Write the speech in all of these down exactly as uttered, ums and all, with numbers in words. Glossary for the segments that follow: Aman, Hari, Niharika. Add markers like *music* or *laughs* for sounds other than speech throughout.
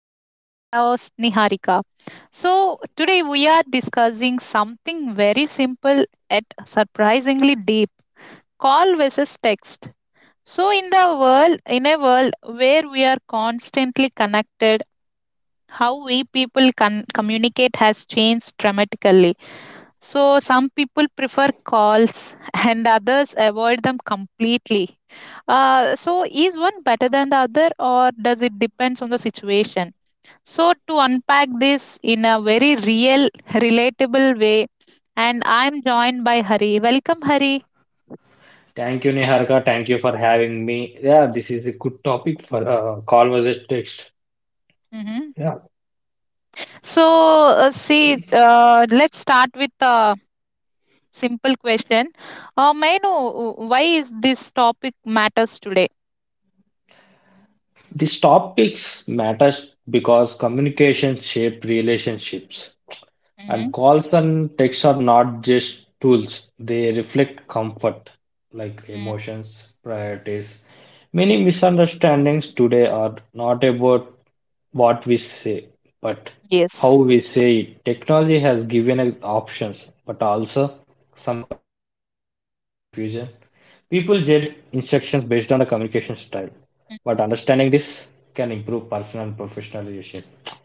I'm your host Niharika. So, today we are discussing something very simple yet surprisingly deep, call versus text. So, in the world, in a world where we are constantly connected, how we people con- communicate has changed dramatically, so some people prefer calls *laughs* and others avoid them completely. Uh, so is one better than the other, or does it depends on the situation? So to unpack this in a very real, relatable way, and I'm joined by Hari. Welcome, Hari. Thank you, Niharika. Thank you for having me. Yeah, this is a good topic for a conversation text. Hmm. Yeah, So uh, see, uh, let's start with a simple question. Uh, may I know uh, why is this topic matters today? these topics matters because communication shape relationships. Hmm. And calls and texts are not just tools, they reflect comfort, like emotions, priorities. Many misunderstandings today are not about what we say, but how Yes. we say it. Technology has given us options, but also some confusion. People judge instructions based on the communication style, but understanding this can improve personal and professional relationship.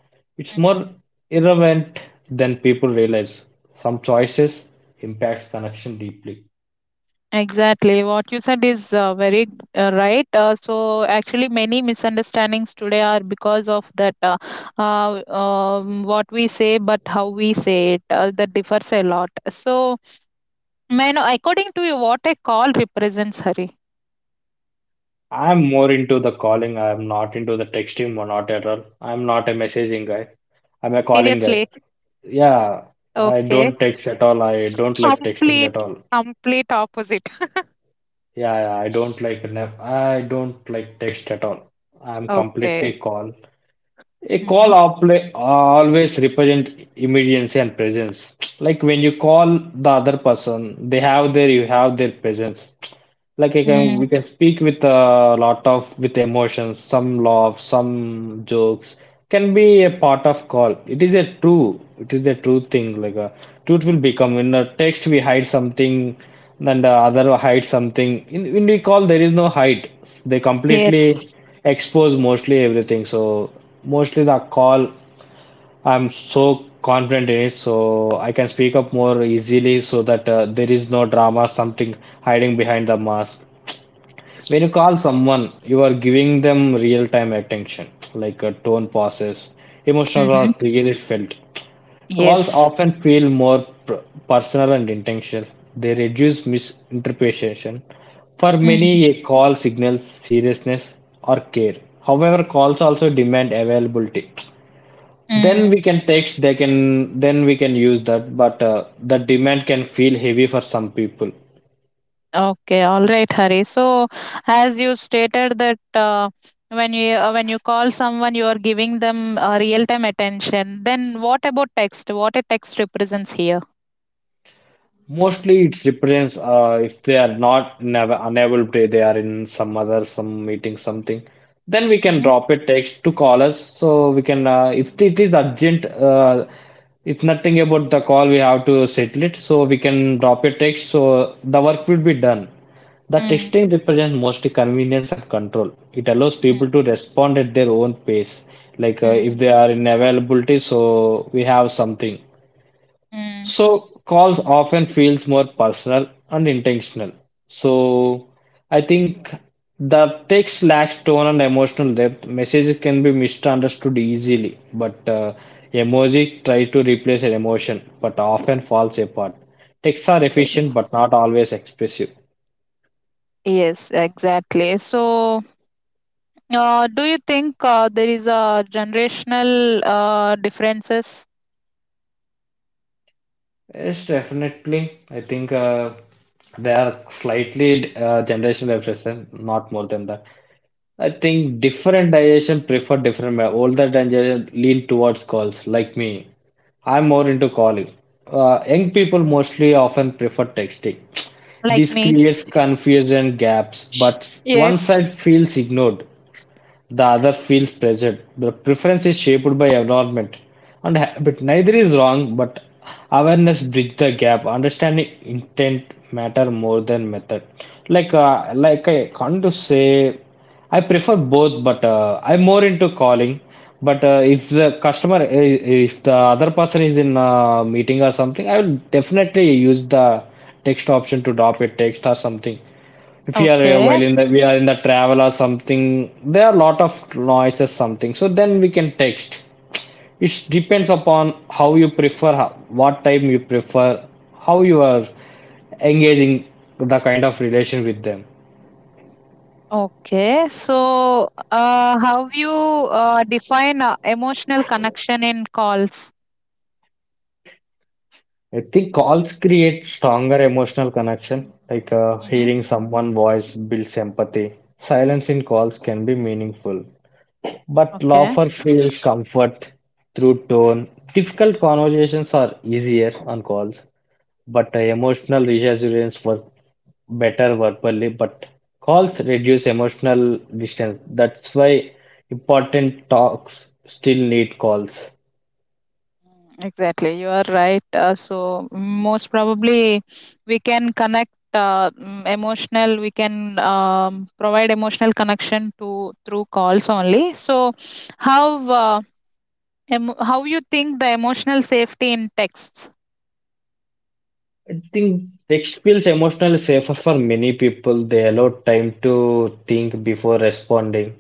It's more irrelevant than people realize. Some choices impacts connection deeply. Exactly. What you said is uh, very uh, right. Uh, so, actually, many misunderstandings today are because of that uh, uh, um, what we say, but how we say it uh, that differs a lot. So, man, according to you, what a call represents, Hari? I'm more into the calling. I'm not into the texting or not at all. I'm not a messaging guy. I'm a calling guy. Seriously. Yeah, I Okay. don't text at all. I don't like texting Complete, at all. complete opposite. *laughs* Yeah, yeah, I don't like ne- I don't like text at all. I'm Okay. completely call. A Mm-hmm. call outlay always represent immediacy and presence. Like when you call the other person, they have their, you have their presence, like I can Mm, we can speak with a lot of with emotions, some love, some jokes can be a part of call. It is a true, it is a true thing. Like a truth will become in a text we hide something, and the other hide something. In in the call there is no hide. They completely yes. expose mostly everything. So mostly the call I'm so confident in it, so I can speak up more easily so that uh, there is no drama, something hiding behind the mask. When you call someone you are giving them real time attention, like a tone pauses emotional are Mm-hmm. clearly felt. Calls Yes. often feel more pr- personal and intentional. They reduce misinterpretation. For many Mm-hmm. a call signals seriousness or care. However calls also demand availability. Then Mm. we can text, they can, then we can use that, but uh, the demand can feel heavy for some people. Okay, all right, Hari. So, as you stated that uh, when you uh, when you call someone, you are giving them uh, real time attention. Then, what about text? What a text represents here? Mostly it represents, uh, if they are not never unable to, they are in some other some meeting something, then we can Mm-hmm. drop a text to call us, so we can, uh, if it is urgent, uh, if nothing about the call we have to settle it, so we can drop a text so the work will be done. The Mm-hmm. texting represents mostly convenience and control. It allows people to respond at their own pace. Like uh, Mm-hmm. if they are in availability, so we have something. Mm. So calls often feels more personal and intentional. So I think the text lacks tone and emotional depth. Messages can be misunderstood easily, but uh, emoji try to replace an emotion, but often falls apart. Texts are efficient, but Yes. not always expressive. Yes, exactly. So, uh, do you think uh, there is a generational uh, differences? Yes, definitely. I think uh, they are slightly uh, generational expression, not more than that. I Mhm. think different digestion prefer different. ma- Older digestion lean towards calls, like me. I'm more Mhm. into calling. Uh, young Mhm. people mostly often prefer texting. Like This me? creates confusion gaps, but one Yes. side feels ignored, the other feels pressured. The preference is shaped by environment and habit. Neither is wrong, but awareness bridges the gap. Understanding intent matter more than method. Like uh, like I can't to say I prefer both, but uh, I'm more into calling. But uh, if the customer, uh, if the other person is in a meeting or something, I will definitely use the text option to drop a text or something. If we are uh, Okay. while in the we are in the travel or something, there are a lot of noises something so then we can text. It depends upon how you prefer, how, what time you prefer, how you are engaging, the kind of relation with them. Okay, so uh, how you uh, define uh, emotional connection in calls? I think calls create stronger emotional connection, like uh, Hmm. hearing someone voice builds empathy. Silence in calls can be meaningful, but Okay, loafer feels comfort through tone. Difficult conversations are easier on calls. But uh, emotional reassurance work better verbally, but calls reduce emotional distance. That's why important talks still need calls. exactly. You are right. Uh, so most probably we can connect uh, mm, emotional. We can um, provide emotional connection to through calls only. So how uh, em- how you think the emotional safety in texts? I think text feels emotionally safer for many people. They allow time to think before responding.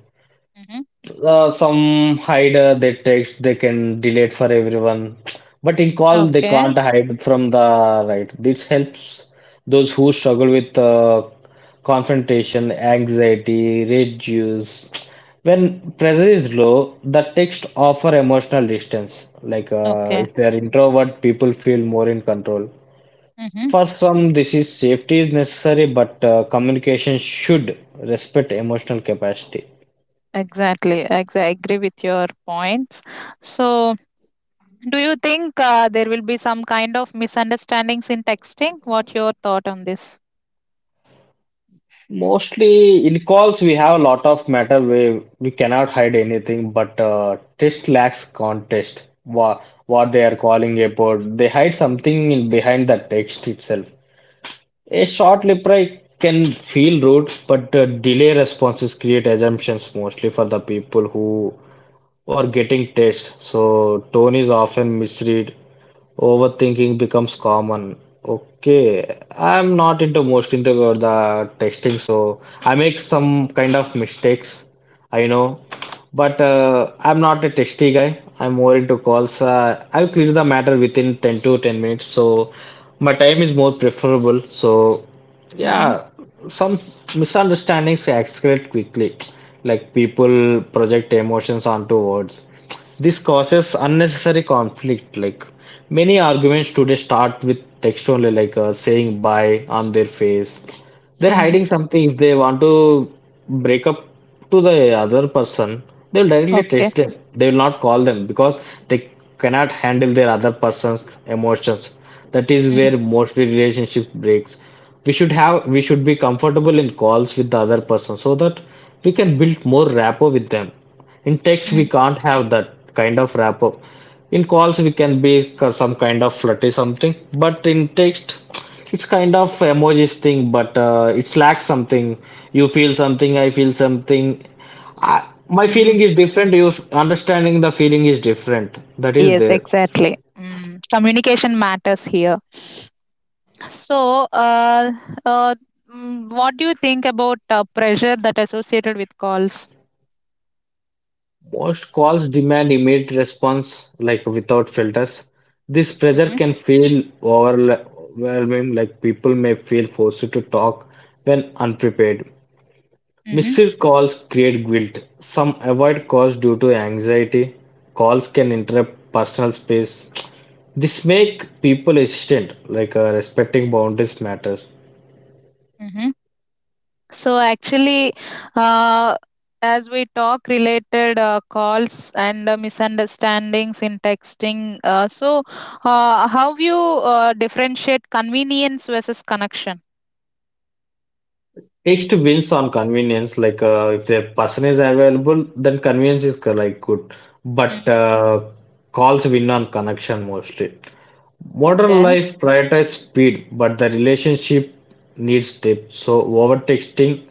Hmm. Uh, some hide uh, their text, they can delete for everyone. But in call, they Okay. can't hide from the right. This helps those who struggle with uh, confrontation, anxiety, reduce. When pressure is low, the text offer emotional distance. Like uh, Okay. if they are introvert, people feel more in control. Mhm. For some, this is safety is necessary, but uh, communication should respect emotional capacity. Exactly. ex- I agree with your points. So, do you think uh, there will be some kind of misunderstandings in texting? What your thought on this? Mostly in calls, we have a lot of matter where we cannot hide anything, but uh, test lacks context. What, what they are calling about, they hide something in behind the text itself. A short reply can feel rude, but uh, delay responses create assumptions mostly for the people who or getting text. So tone is often misread. Overthinking becomes common. Okay, I'm not into most into the testing, so I make some kind of mistakes. I know, but uh, I'm not a testy guy. I'm more into calls. Uh, I'll clear the matter within ten to ten minutes, so my time is more preferable. So Hmm. yeah, some misunderstandings escalate quickly, like people project emotions onto words. This causes unnecessary conflict. Like many arguments today start with text only, like uh, saying bye on their face they're Mm, hiding something. If they want to break up to the other person, they'll directly okay. text them. They will not call them because they cannot handle their other person's emotions. That is where Mm, mostly relationship breaks. We should have we should be comfortable in calls with the other person so that we can build more rapport with them. In text, we mm, can't have that kind of wrap-up. In calls, we can be k- some kind of flirty something, but in text, it's kind of emojis thing, but uh, it lacks something. You feel something, I feel something. I, my mm. feeling is different. You f- understanding the feeling is different. That is Yes, there. exactly. Mm, communication matters here. So, uh, uh, mm, what do you think about uh, pressure that associated with calls? Most calls demand immediate response, like without filters. This pressure Hmm. can feel overwhelming, like people may feel forced to talk when unprepared. Hmm. Missed calls create guilt. Some avoid calls due to anxiety. Calls can interrupt personal space. This make people hesitant, like uh, respecting boundaries matters. Hmm. So actually, uh, as we talk related uh, calls and uh, misunderstandings in texting, uh, so uh, how you uh, differentiate convenience versus connection? Next wins on convenience, like uh, if the person is available, then convenience is uh, like good. But Mm, uh, calls win on connection mostly. Modern okay. life prioritizes speed, but the relationship needs depth. So over texting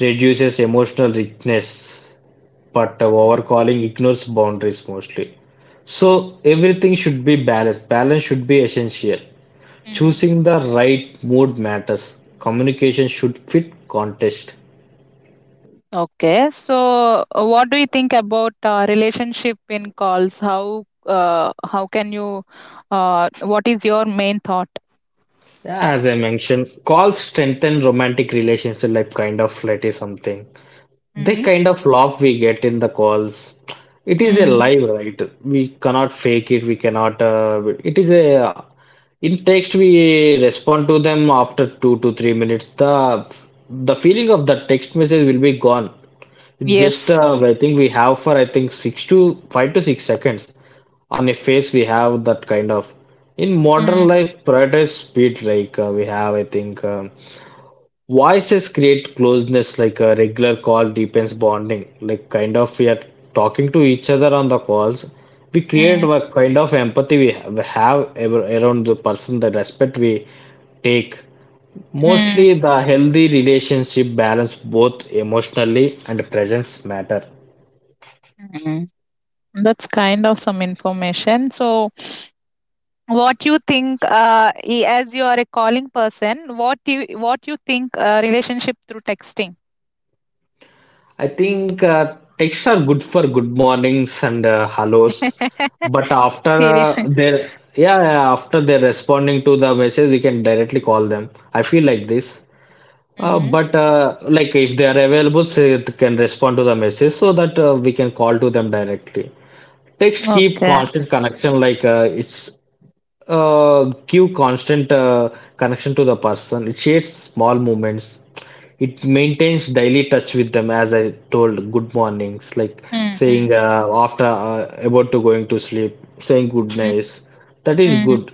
reduces emotional richness, but uh, Mhm. overcalling ignores boundaries mostly. So everything should be balanced. Balance should be essential. Mm. Choosing the right mood matters. Communication should fit context. Okay. So uh, what do you think about uh, relationship in calls? How uh, how can you? Uh, what is your main thought? Yeah, as I mentioned, calls strengthen romantic relationship, like kind of flirt is something. The Mm-hmm. kind of laugh we get in the calls, it is a Mm, live, right? We cannot fake it. We cannot. Uh, it is a. In text, we respond to them after two to three minutes. The the feeling of the text message will be gone. Just yes. uh, I think we have for I think six to five to six seconds on a face. We have that kind of. In modern Mm. life, prioritize speed. Like uh, we have, I think. Um, Voices create closeness, like a regular call deepens bonding. Like kind of we are talking to each other on the calls. We create Hmm. a kind of empathy we have, have ever- around the person, the respect we take. Mostly the healthy relationship balance both emotionally and presence matter. Mm. That's kind of some information. So, what you think uh, i- as you are a calling person, what you what you think uh, relationship through texting. I think uh, texts are good for good mornings and uh, hellos, but *laughs* after uh, Seriously. they're yeah, yeah, after they're responding to the message, we can directly call them. I feel like this. Uh, mm-hmm. but uh, like if they are available, say it can respond to the message so that uh, we can call to them directly. Text keep Okay. constant connection, like uh, it's uh, give constant uh, connection to the person. It shades small moments. It Mm-hmm. maintains daily touch with them, as I told, good mornings, like Mm-hmm. saying uh, after uh, about to going to sleep, saying good nights. That is Mm-hmm. good.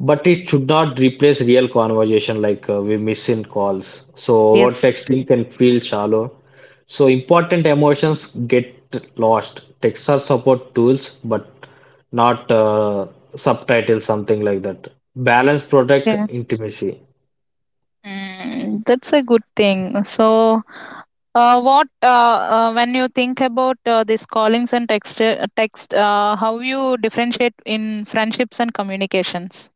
But it should not replace real conversation like uh, we miss in calls. So over Yes. texting can feel shallow. So important emotions get lost. Texts are support tools, but not uh, subtitles, something like that. Balance protect Yeah. intimacy. Mm, that's a good thing. So, uh, what uh, uh, when you think about uh, these callings and text, uh, text, uh, how you differentiate in friendships and communications?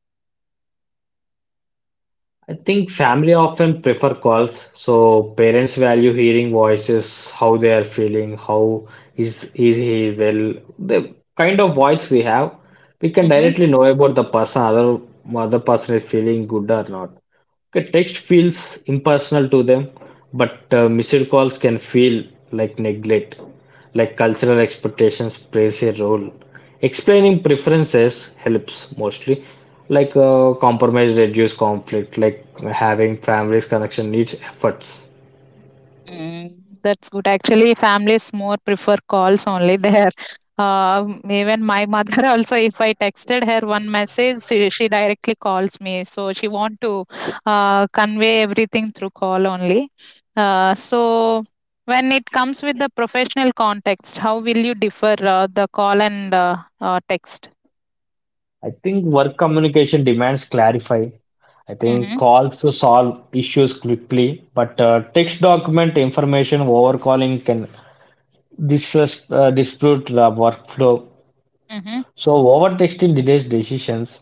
I think family often prefer calls, so parents value hearing voices, how they are feeling, how is is he well, the kind of voice we have, we can Mm-hmm. directly know about the person, other other person is feeling good or not. Okay, text feels impersonal to them, but uh, missed calls can feel like neglect, like cultural expectations plays a role. Explaining preferences helps mostly, like uh, compromise reduce conflict, like having families connection needs efforts. Mm, that's good. Actually, families more prefer calls only *laughs* there. Um even my mother *laughs* also, if I texted her one message, she, she directly calls me. So she want to uh, convey everything through call only. Uh, so when it comes with the professional context, how will you differ uh, the call and uh, uh, text? I think work communication demands clarify. I think Mm-hmm. calls to solve issues quickly, but uh, text document information over calling can dis- uh, dispute the workflow. Mm-hmm. So overtexting delays decisions.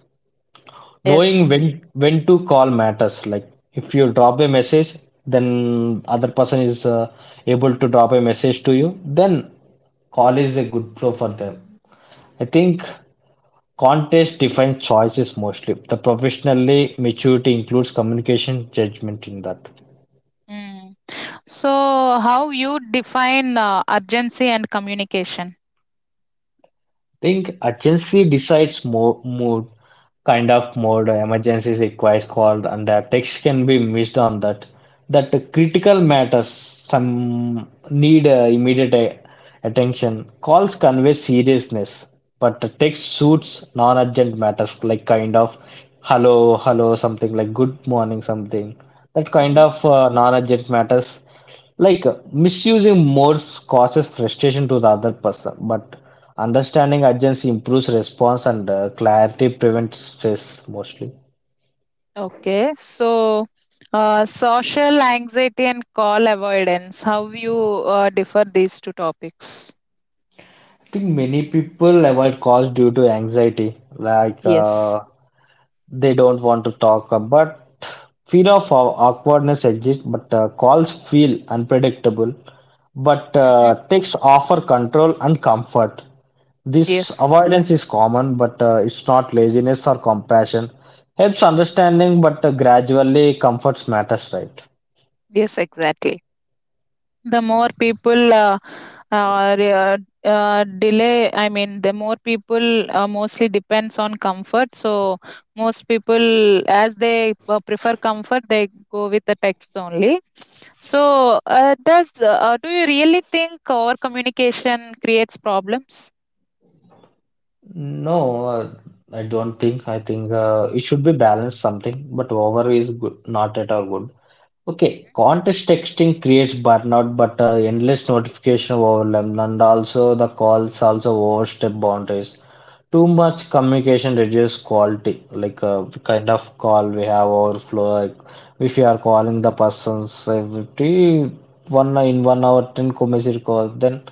Knowing Yes. when when to call matters. Like if you drop a message, then other person is uh, able to drop a message to you. Then call is a good flow for them. I think context defines choices mostly. The professionally maturity includes communication judgment in that. Mm. So how you define uh, urgency and communication? Think urgency decides mo mood, kind of mode emergency requires called, and the text can be missed on that. That the critical matters, some need uh, immediate a- attention. Calls convey seriousness, but the text suits non-urgent matters like kind of hello, hello, something like good morning, something. That kind Mm-hmm. of uh, non-urgent matters like uh, misusing modes causes frustration to the other person, but understanding urgency improves response and uh, clarity prevents stress mostly. Okay, so uh, social anxiety and call avoidance. How you uh, differ these two topics? I think many people avoid calls due to anxiety, like Yes. uh, they don't want to talk, uh, but fear of aw- awkwardness exists, but uh, calls feel unpredictable, but Hmm. uh, texts offer control and comfort. This Yes. avoidance is common, but uh, it's not laziness or compassion. Helps understanding, but uh, gradually comforts matters, right? Yes. Exactly. The more people uh, uh, re- uh, uh, delay, I mean, the more people uh, mostly depends on comfort. So most people, as they uh, prefer comfort, they go with the text only. So uh, does uh, do you really think over communication creates problems? No, uh, I don't think. I think uh, it should be balanced something, but over is good, not at all good. Okay, contest texting creates burnout, but uh, endless notification overwhelm, and also the calls also overstep boundaries. Too much communication reduces quality. Like uh, kind of call we have overflow. Like if you are calling the persons every one in one hour, ten message call, then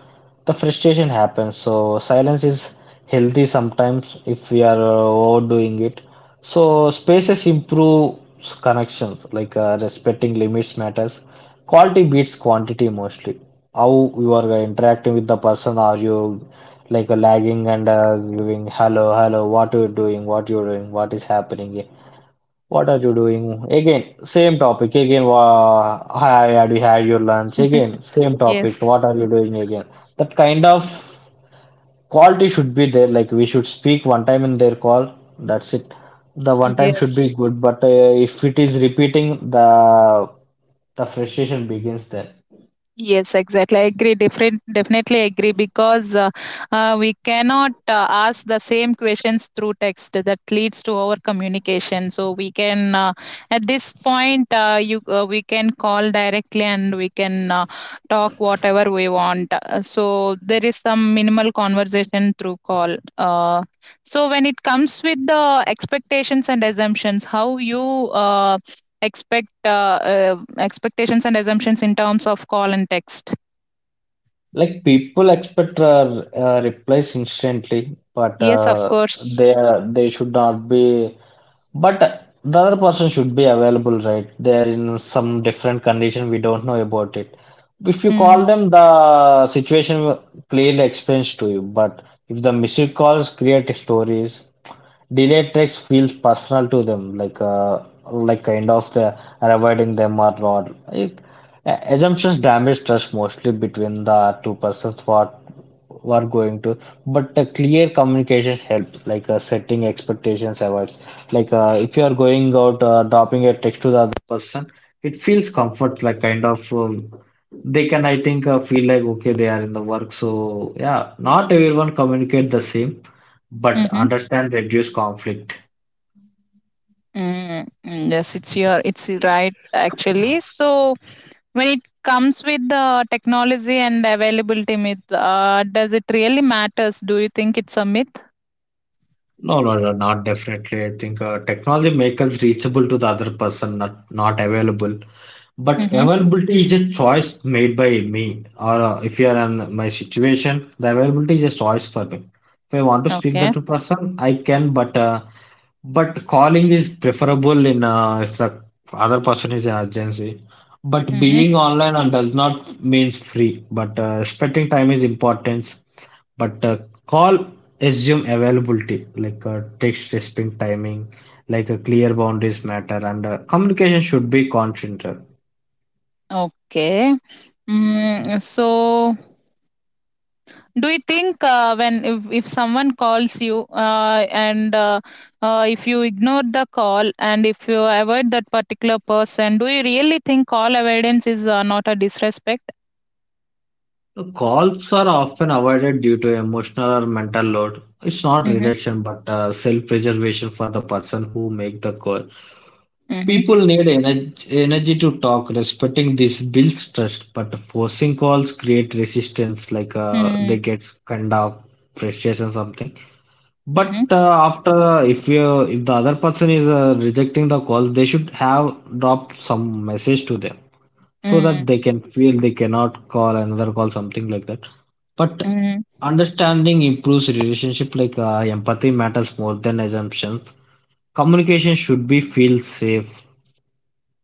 the frustration happens. So silence is healthy sometimes if we are uh, overdoing it. So spaces improves connections, like uh, respecting limits matters. Quality beats quantity mostly. How you are uh, interacting with the person, are you like uh, lagging and uh, giving hello, hello, what are you doing, what you are doing, what is happening, eh? What are you doing? Again, same topic. Again, wha- hi, have you had your lunch? Again, same topic. Yes. What are you doing again? That kind Mm, of. Quality should be there, like we should speak one time in their call. That's it. The one time should be yes. good, but uh, if it is repeating, the the frustration begins there. Yes, exactly. I agree. Different, definitely agree, because uh, uh, we cannot uh, ask the same questions through text. That leads to our communication. So we can, uh, at this point, uh, you uh, we can call directly and we can uh, talk whatever we want. Uh, So there is some minimal conversation through call. Uh, so when it comes with the expectations and assumptions, how you. Uh, expect uh, uh, expectations and assumptions in terms of call and text. Like people expect uh, uh, replies instantly, but Yes, of uh, course. they they should not be. But the other person should be available, right? They are in some different condition. We don't know about it. If you call Mm. them, the situation will clearly explains to you. But if the missed calls create stories, delayed text feels personal to them, like uh, like kind of the avoiding them or not. It, uh, assumptions damage trust mostly between the two persons what were going to, but the clear communication helps, like uh, setting expectations avoids. Like uh, if you are going out, uh, dropping a text to the other person, it feels comfort, like kind of um, they can, I think, uh, feel like okay, they are in the work. So yeah, not everyone communicate the same but Mm-hmm. understand reduce conflict. Mm, mm, yes, it's your it's right actually, so when it comes with the technology and availability myth, uh, does it really matters? Do you think it's a myth? No, no, no, not definitely. I think uh, technology makes us reachable to the other person, not not available. But Mm-hmm. availability is a choice made by me, or uh, if you are in my situation, the availability is a choice for me. If I want to speak Okay. that to person, I can, but uh, but calling is preferable in uh, if the other person is in urgency. But Mm-hmm. being online and does not means free, but uh, respecting time is important. But uh, call assume availability, like uh, text respect timing, like a clear boundaries matter, and uh, communication should be consensual. Okay. Mm. So do you think uh, when if, if someone calls you uh, and uh, uh, if you ignore the call and if you avoid that particular person, do you really think call avoidance is uh, not a disrespect? Calls are often avoided due to emotional or mental load. It's not Mm-hmm. rejection, but uh, self-preservation for the person who make the call. Mm-hmm. People need energy, energy to talk. Respecting this builds trust, but forcing calls create resistance, like uh, they Mm-hmm. get kind of frustration something. Mm-hmm. But uh, after, if you if the other person is uh, rejecting the call, they should have dropped some message to them, so that Mm. they can feel they cannot call another call, something like that. But Mm. understanding improves relationship. Like uh, empathy matters more than assumptions. Communication should be feel safe.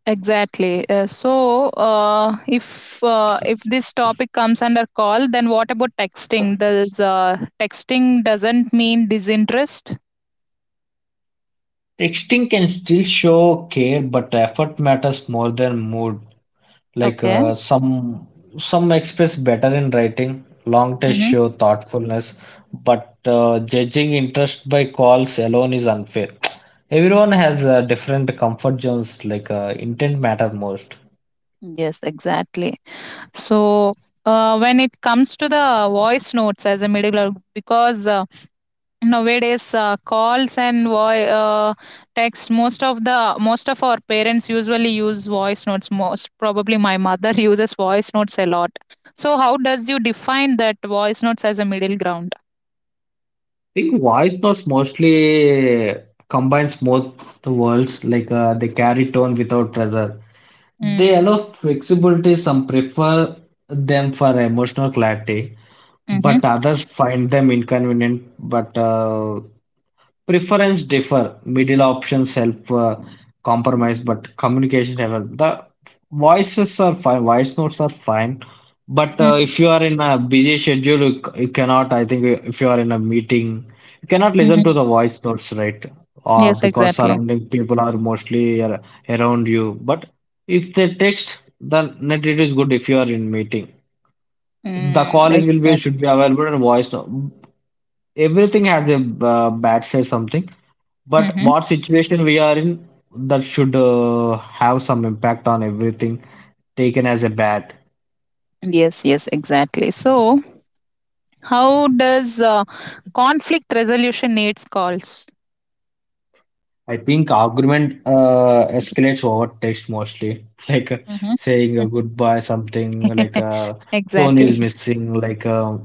Exactly. Uh, so, uh, if uh, if this topic comes under call, then what about texting? Does uh, texting doesn't mean disinterest? Texting can still show care, but effort matters more than mood. Like Okay. uh, some some express better in writing. Long tests Mm-hmm. show thoughtfulness, but uh, judging interest by calls alone is unfair. Everyone has uh, different comfort zones. Like uh, intent matter most. Yes, exactly. So, uh, when it comes to the voice notes as a middle, because uh, nowadays uh, calls and voi- uh, text, most of the most of our parents usually use voice notes. Most probably, my mother *laughs* uses voice notes a lot. So, how does you define that voice notes as a middle ground? I think voice notes mostly combines both the worlds. Like uh, they carry tone without pressure. They Mm. allow flexibility. Some prefer them for emotional clarity, Mm-hmm. but others find them inconvenient. But uh, preference differ, middle options help uh, compromise, but communication level. The voices are fine, voice notes are fine, but uh, if you are in a busy schedule, you, c- you cannot. I think if you are in a meeting, you cannot listen to Mm-hmm. the voice notes, right? Uh, Yes, Because exactly. surrounding people are mostly ar- around you. But if they text, then it is good if you are in meeting. The Mm, call will be exactly. should be available in voice note. Everything has a uh, bad side something, but Mm-hmm. what situation we are in, that should uh, have some impact on everything taken as a bad. Yes, yes, exactly. So, how does uh, conflict resolution needs calls? I think argument uh, escalates over text mostly *laughs* like uh, Hmm. saying a goodbye something, like *laughs* uh, tone Exactly. is missing, like uh,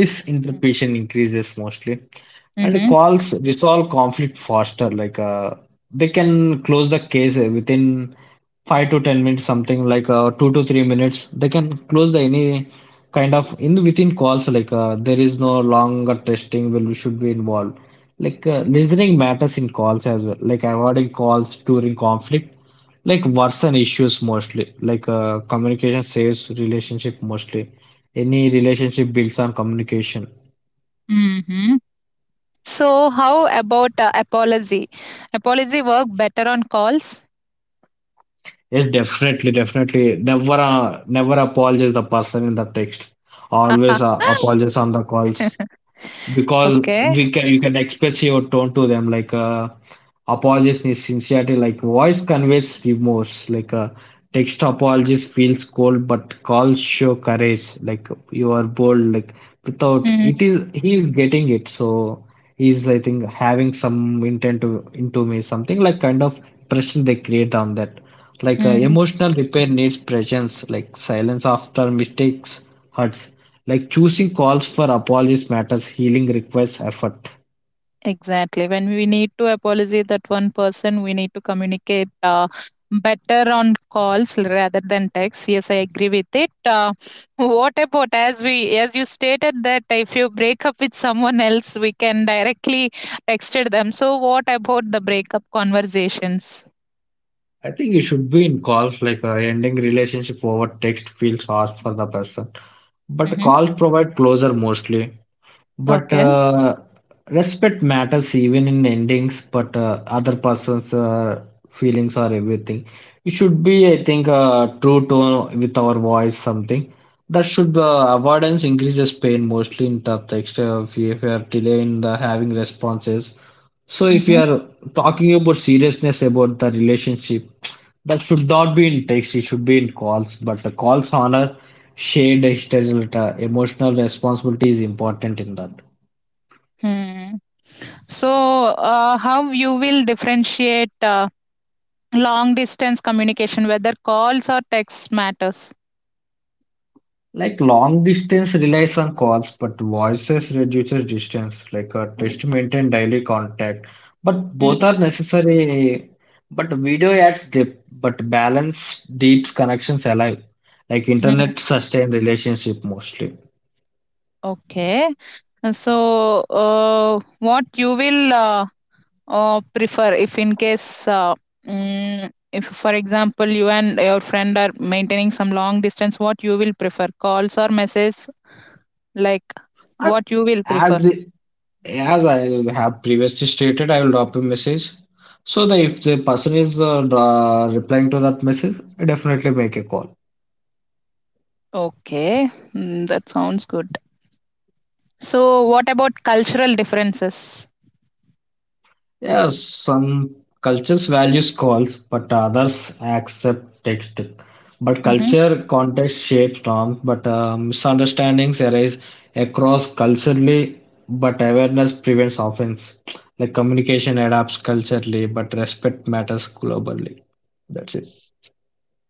misinterpretation increases mostly, and Mm-hmm. calls resolve conflict faster, like uh, they can close the case uh, within five to ten minutes, something like uh, two to three minutes. They can close the any kind of in within calls. Like uh, there is no longer testing will should be involved. Like uh, listening matters in calls as well. Like avoiding calls during conflict, like worsen issues mostly. Like uh, communication saves relationship mostly. Any relationship builds on communication. Mm-hmm. So, how about uh, apology? Apology work better on calls? Yes, definitely, definitely. Never, uh, never apologize the person in the text. Always uh, apologize on the calls, *laughs* because Okay. we can you can express your tone to them, like uh, apologies is sincerity. Like voice conveys remorse. Like uh, text apologies feels cold, but calls show courage. Like you are bold. Like without Mm-hmm. it is he is getting it. So he's, I think, having some intent to into me, something like kind of pressure they create on that. Like uh, Mm-hmm. emotional repair needs presence, like silence after mistakes hurts. Like choosing calls for apologies matters, healing requires effort. Exactly. When we need to apologize that one person, we need to communicate uh, better on calls rather than text. Yes, I agree with it. Uh, what about, as we as you stated, that if you break up with someone else, we can directly text them. So what about the breakup conversations? I think it should be in calls, like uh, ending relationship over text feels harsh for the person. But Mm-hmm. calls provide closure mostly. But Okay. uh, respect matters even in endings, but uh, other person's uh, feelings or everything. We should be, I think, uh, true to with our voice something. That should uh, avoidance increases pain mostly in the text uh, if you if you are delay in the having responses. So if you Mm-hmm. are talking about seriousness about the relationship, that should not be in text, it should be in calls. But the calls honor shared external uh, emotional responsibility is important in that. Hmm. So, uh, how you will differentiate uh, long distance communication, whether calls or text matters? Like long distance relies on calls, but voices reduces distance, like a text maintain daily contact. But both Hmm. are necessary. But video adds depth, but balance deeps connections alive. Like Mhm. internet sustain relationship mostly. Okay. So, uh, what you will uh, uh, prefer if in case, uh, mm, if for example you and your friend are maintaining some long distance, what you will prefer, calls or messages? Like, Uh, what you will prefer? As As I have previously stated, I will drop a message. So that if the person is uh, dra- replying to that message, I definitely make a call. Okay, mm, that sounds good. So, what about cultural differences? Yes, some cultures values calls, but others accept text. But Mm-hmm. culture context shapes norms, but uh, misunderstandings arise across culturally, but awareness prevents offense. Like communication adapts culturally, but respect matters globally. That's it.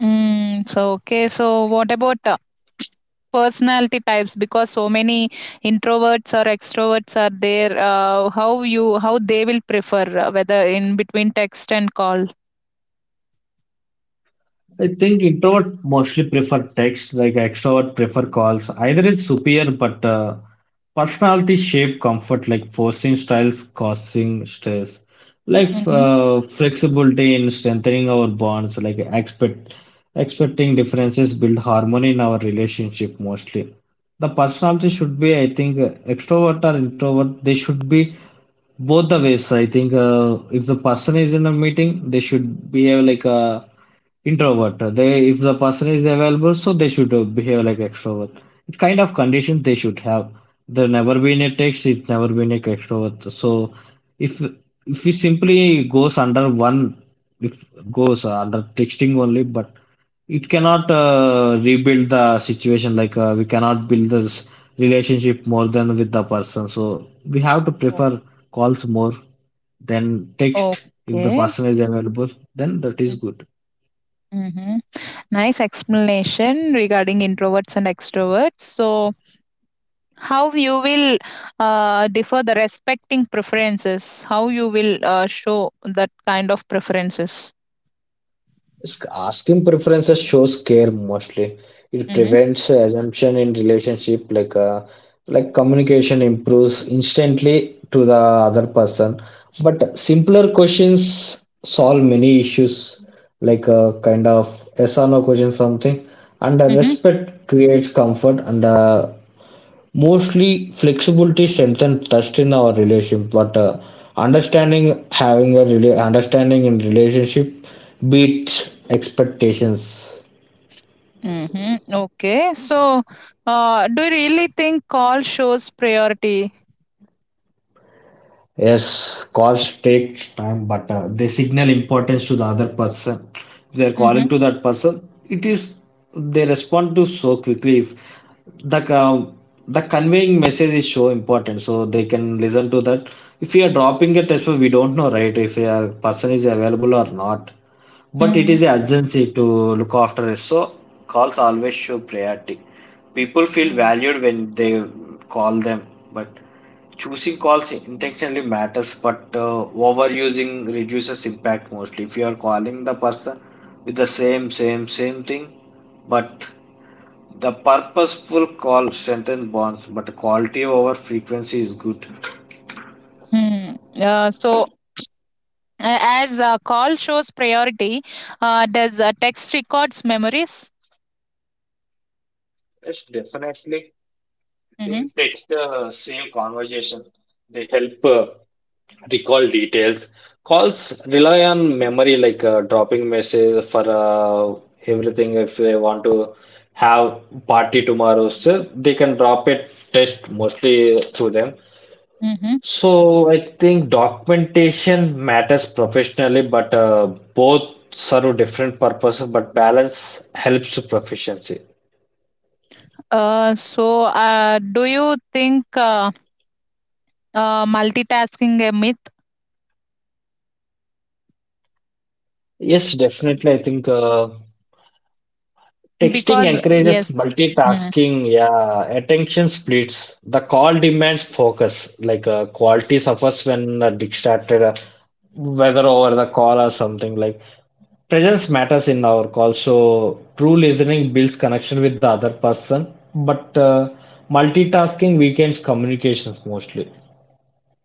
Mm, so okay. So what about uh, personality types? Because so many introverts or extroverts are there. Uh, how you how they will prefer uh, whether in between text and call? I think introvert mostly prefer text, like extrovert prefer calls. Either is superior, but uh, personality shape comfort, like forcing styles causing stress. Like Mm-hmm. uh, flexibility in strengthening our bonds, like expect expecting differences build harmony in our relationship mostly. The personality should be, I think, uh, extrovert or introvert, they should be both the ways. I think uh, if the person is in a meeting, they should be uh, like a introvert. They, if the person is available, so they should uh, behave like extrovert. It kind of condition they should have. There never been a text. It never been a extrovert. So if if it simply goes under one, if goes under texting only, but it cannot uh, rebuild the situation. Like uh, we cannot build this relationship more than with the person. So we have to prefer calls more than Oh, text. If the okay. person is available, then that is good. Mm-hmm. Nice explanation regarding introverts and extroverts. So how you will uh, differ the respecting preferences? How you will uh, show that kind of preferences? Sk- Asking preferences shows care mostly. It Mm-hmm. prevents assumption in relationship, like uh, like communication improves instantly to the other person. But simpler questions solve many issues, like uh, kind of yes or no question something, and uh, Mm-hmm. respect creates comfort, and uh, mostly, flexibility strengthens trust in our relationship, but uh, understanding having a rela- understanding in relationship beats expectations. Mhm. Okay. So, uh, do you really think call shows priority? Yes, calls takes time, but uh, they signal importance to the other person. If they're Mhm. calling to that person, it is they respond to so quickly. If the um, the conveying message is so important, so they can listen to that. If we are dropping a test, we don't know, right? If a person is available or not. But it is Mhm. an urgency to look after it, so calls always show priority. People feel Mhm. valued when they call them, but choosing calls intentionally matters, but uh, overusing reduces impact mostly. If you are calling the person with the same, same, same thing, but the purposeful call strengthens bonds, but quality over frequency is good. Mhm. Uh, so, a- as uh, call shows priority, uh, does uh, text records memories? Yes, definitely. I think Mhm. text uh, save conversation. They help. Uh, recall details. Calls rely on memory, like uh, dropping message for uh, everything. If they want to have party tomorrow, so they can drop it test mostly through them. Mhm. So I think documentation matters professionally, but uh, both serve different purposes. But balance helps proficiency. Uh, so, uh, do you think uh, uh, multitasking a myth? Yes, S- definitely. I think. Uh, Texting Because encourages yes. Mm-hmm. multitasking, yeah, attention splits. The call demands focus, like uh, quality suffers when uh, distracted, uh, whether over the call or something like. Presence matters in our call, so true listening builds connection with the other person, but uh, multitasking weakens communications mostly.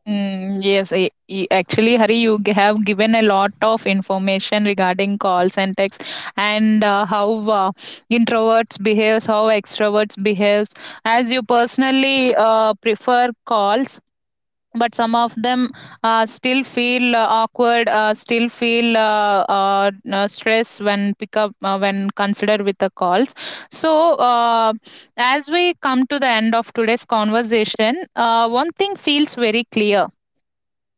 Mm, yes, I, I- actually, Hari, you g- have given a lot of information regarding calls and texts, and uh, how uh, introverts behaves, how extroverts behaves. As you personally uh, prefer calls, but some of them uh, still feel uh, awkward, uh, still feel uh, uh, uh, stress when pick up, uh, when considered with the calls. So. Uh, as we come to the end of today's conversation, uh, one thing feels very clear.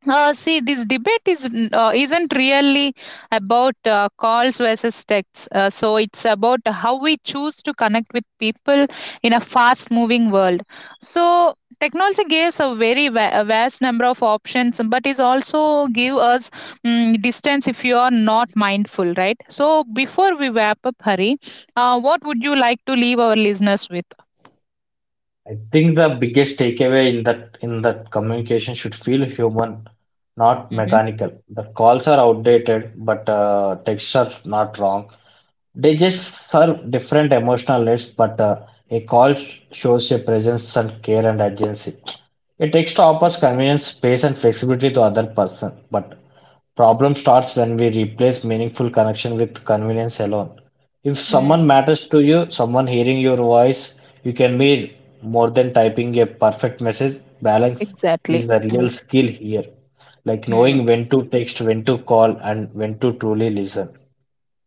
uh, See, this debate is n- uh, isn't really about uh, calls versus texts. Uh, so it's about how we choose to connect with people in a fast-moving world. So technology gives a very va- a vast number of options, but is also give us mm distance if you are not mindful, right? So before we wrap up, Hari, uh, what would you like to leave our listeners with? I think the biggest takeaway in that in that communication should feel human, not Mm-hmm. mechanical. The calls are outdated, but uh, texts are not wrong. They just serve different emotional needs, but uh, a call sh- shows a presence and care and urgency. A text offers Mm. convenience, space, and flexibility to other person, but problem starts when we replace meaningful connection with convenience alone. If Mm. someone matters to you, someone hearing your voice, you can be more than typing a perfect message. Balance is Exactly. the real skill here, like Mm-hmm. knowing when to text, when to call, and when to truly listen.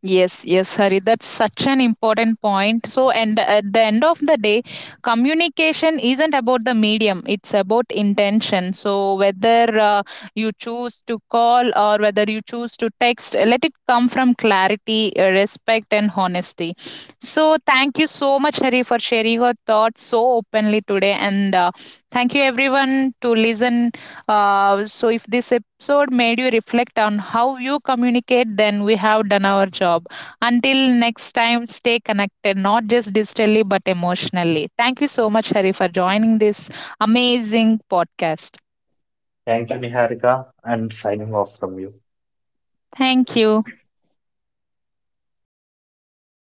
Yes, yes, Hari. That's such an important point. So, and at the end of the day, communication isn't about the medium, it's about intention. So, whether uh, you choose to call or whether you choose to text, let it come from clarity, uh, respect, and honesty. So, thank you so much, Hari, for sharing your thoughts so openly today. And uh, thank you, everyone, to listen. Uh, so, if this episode made you reflect on how you communicate, then we have done our job. Until next time, stay connected, not just digitally, but emotionally. Thank you so much, Hari, for joining this amazing podcast. Thank you, Niharika, and signing off from you. Thank you.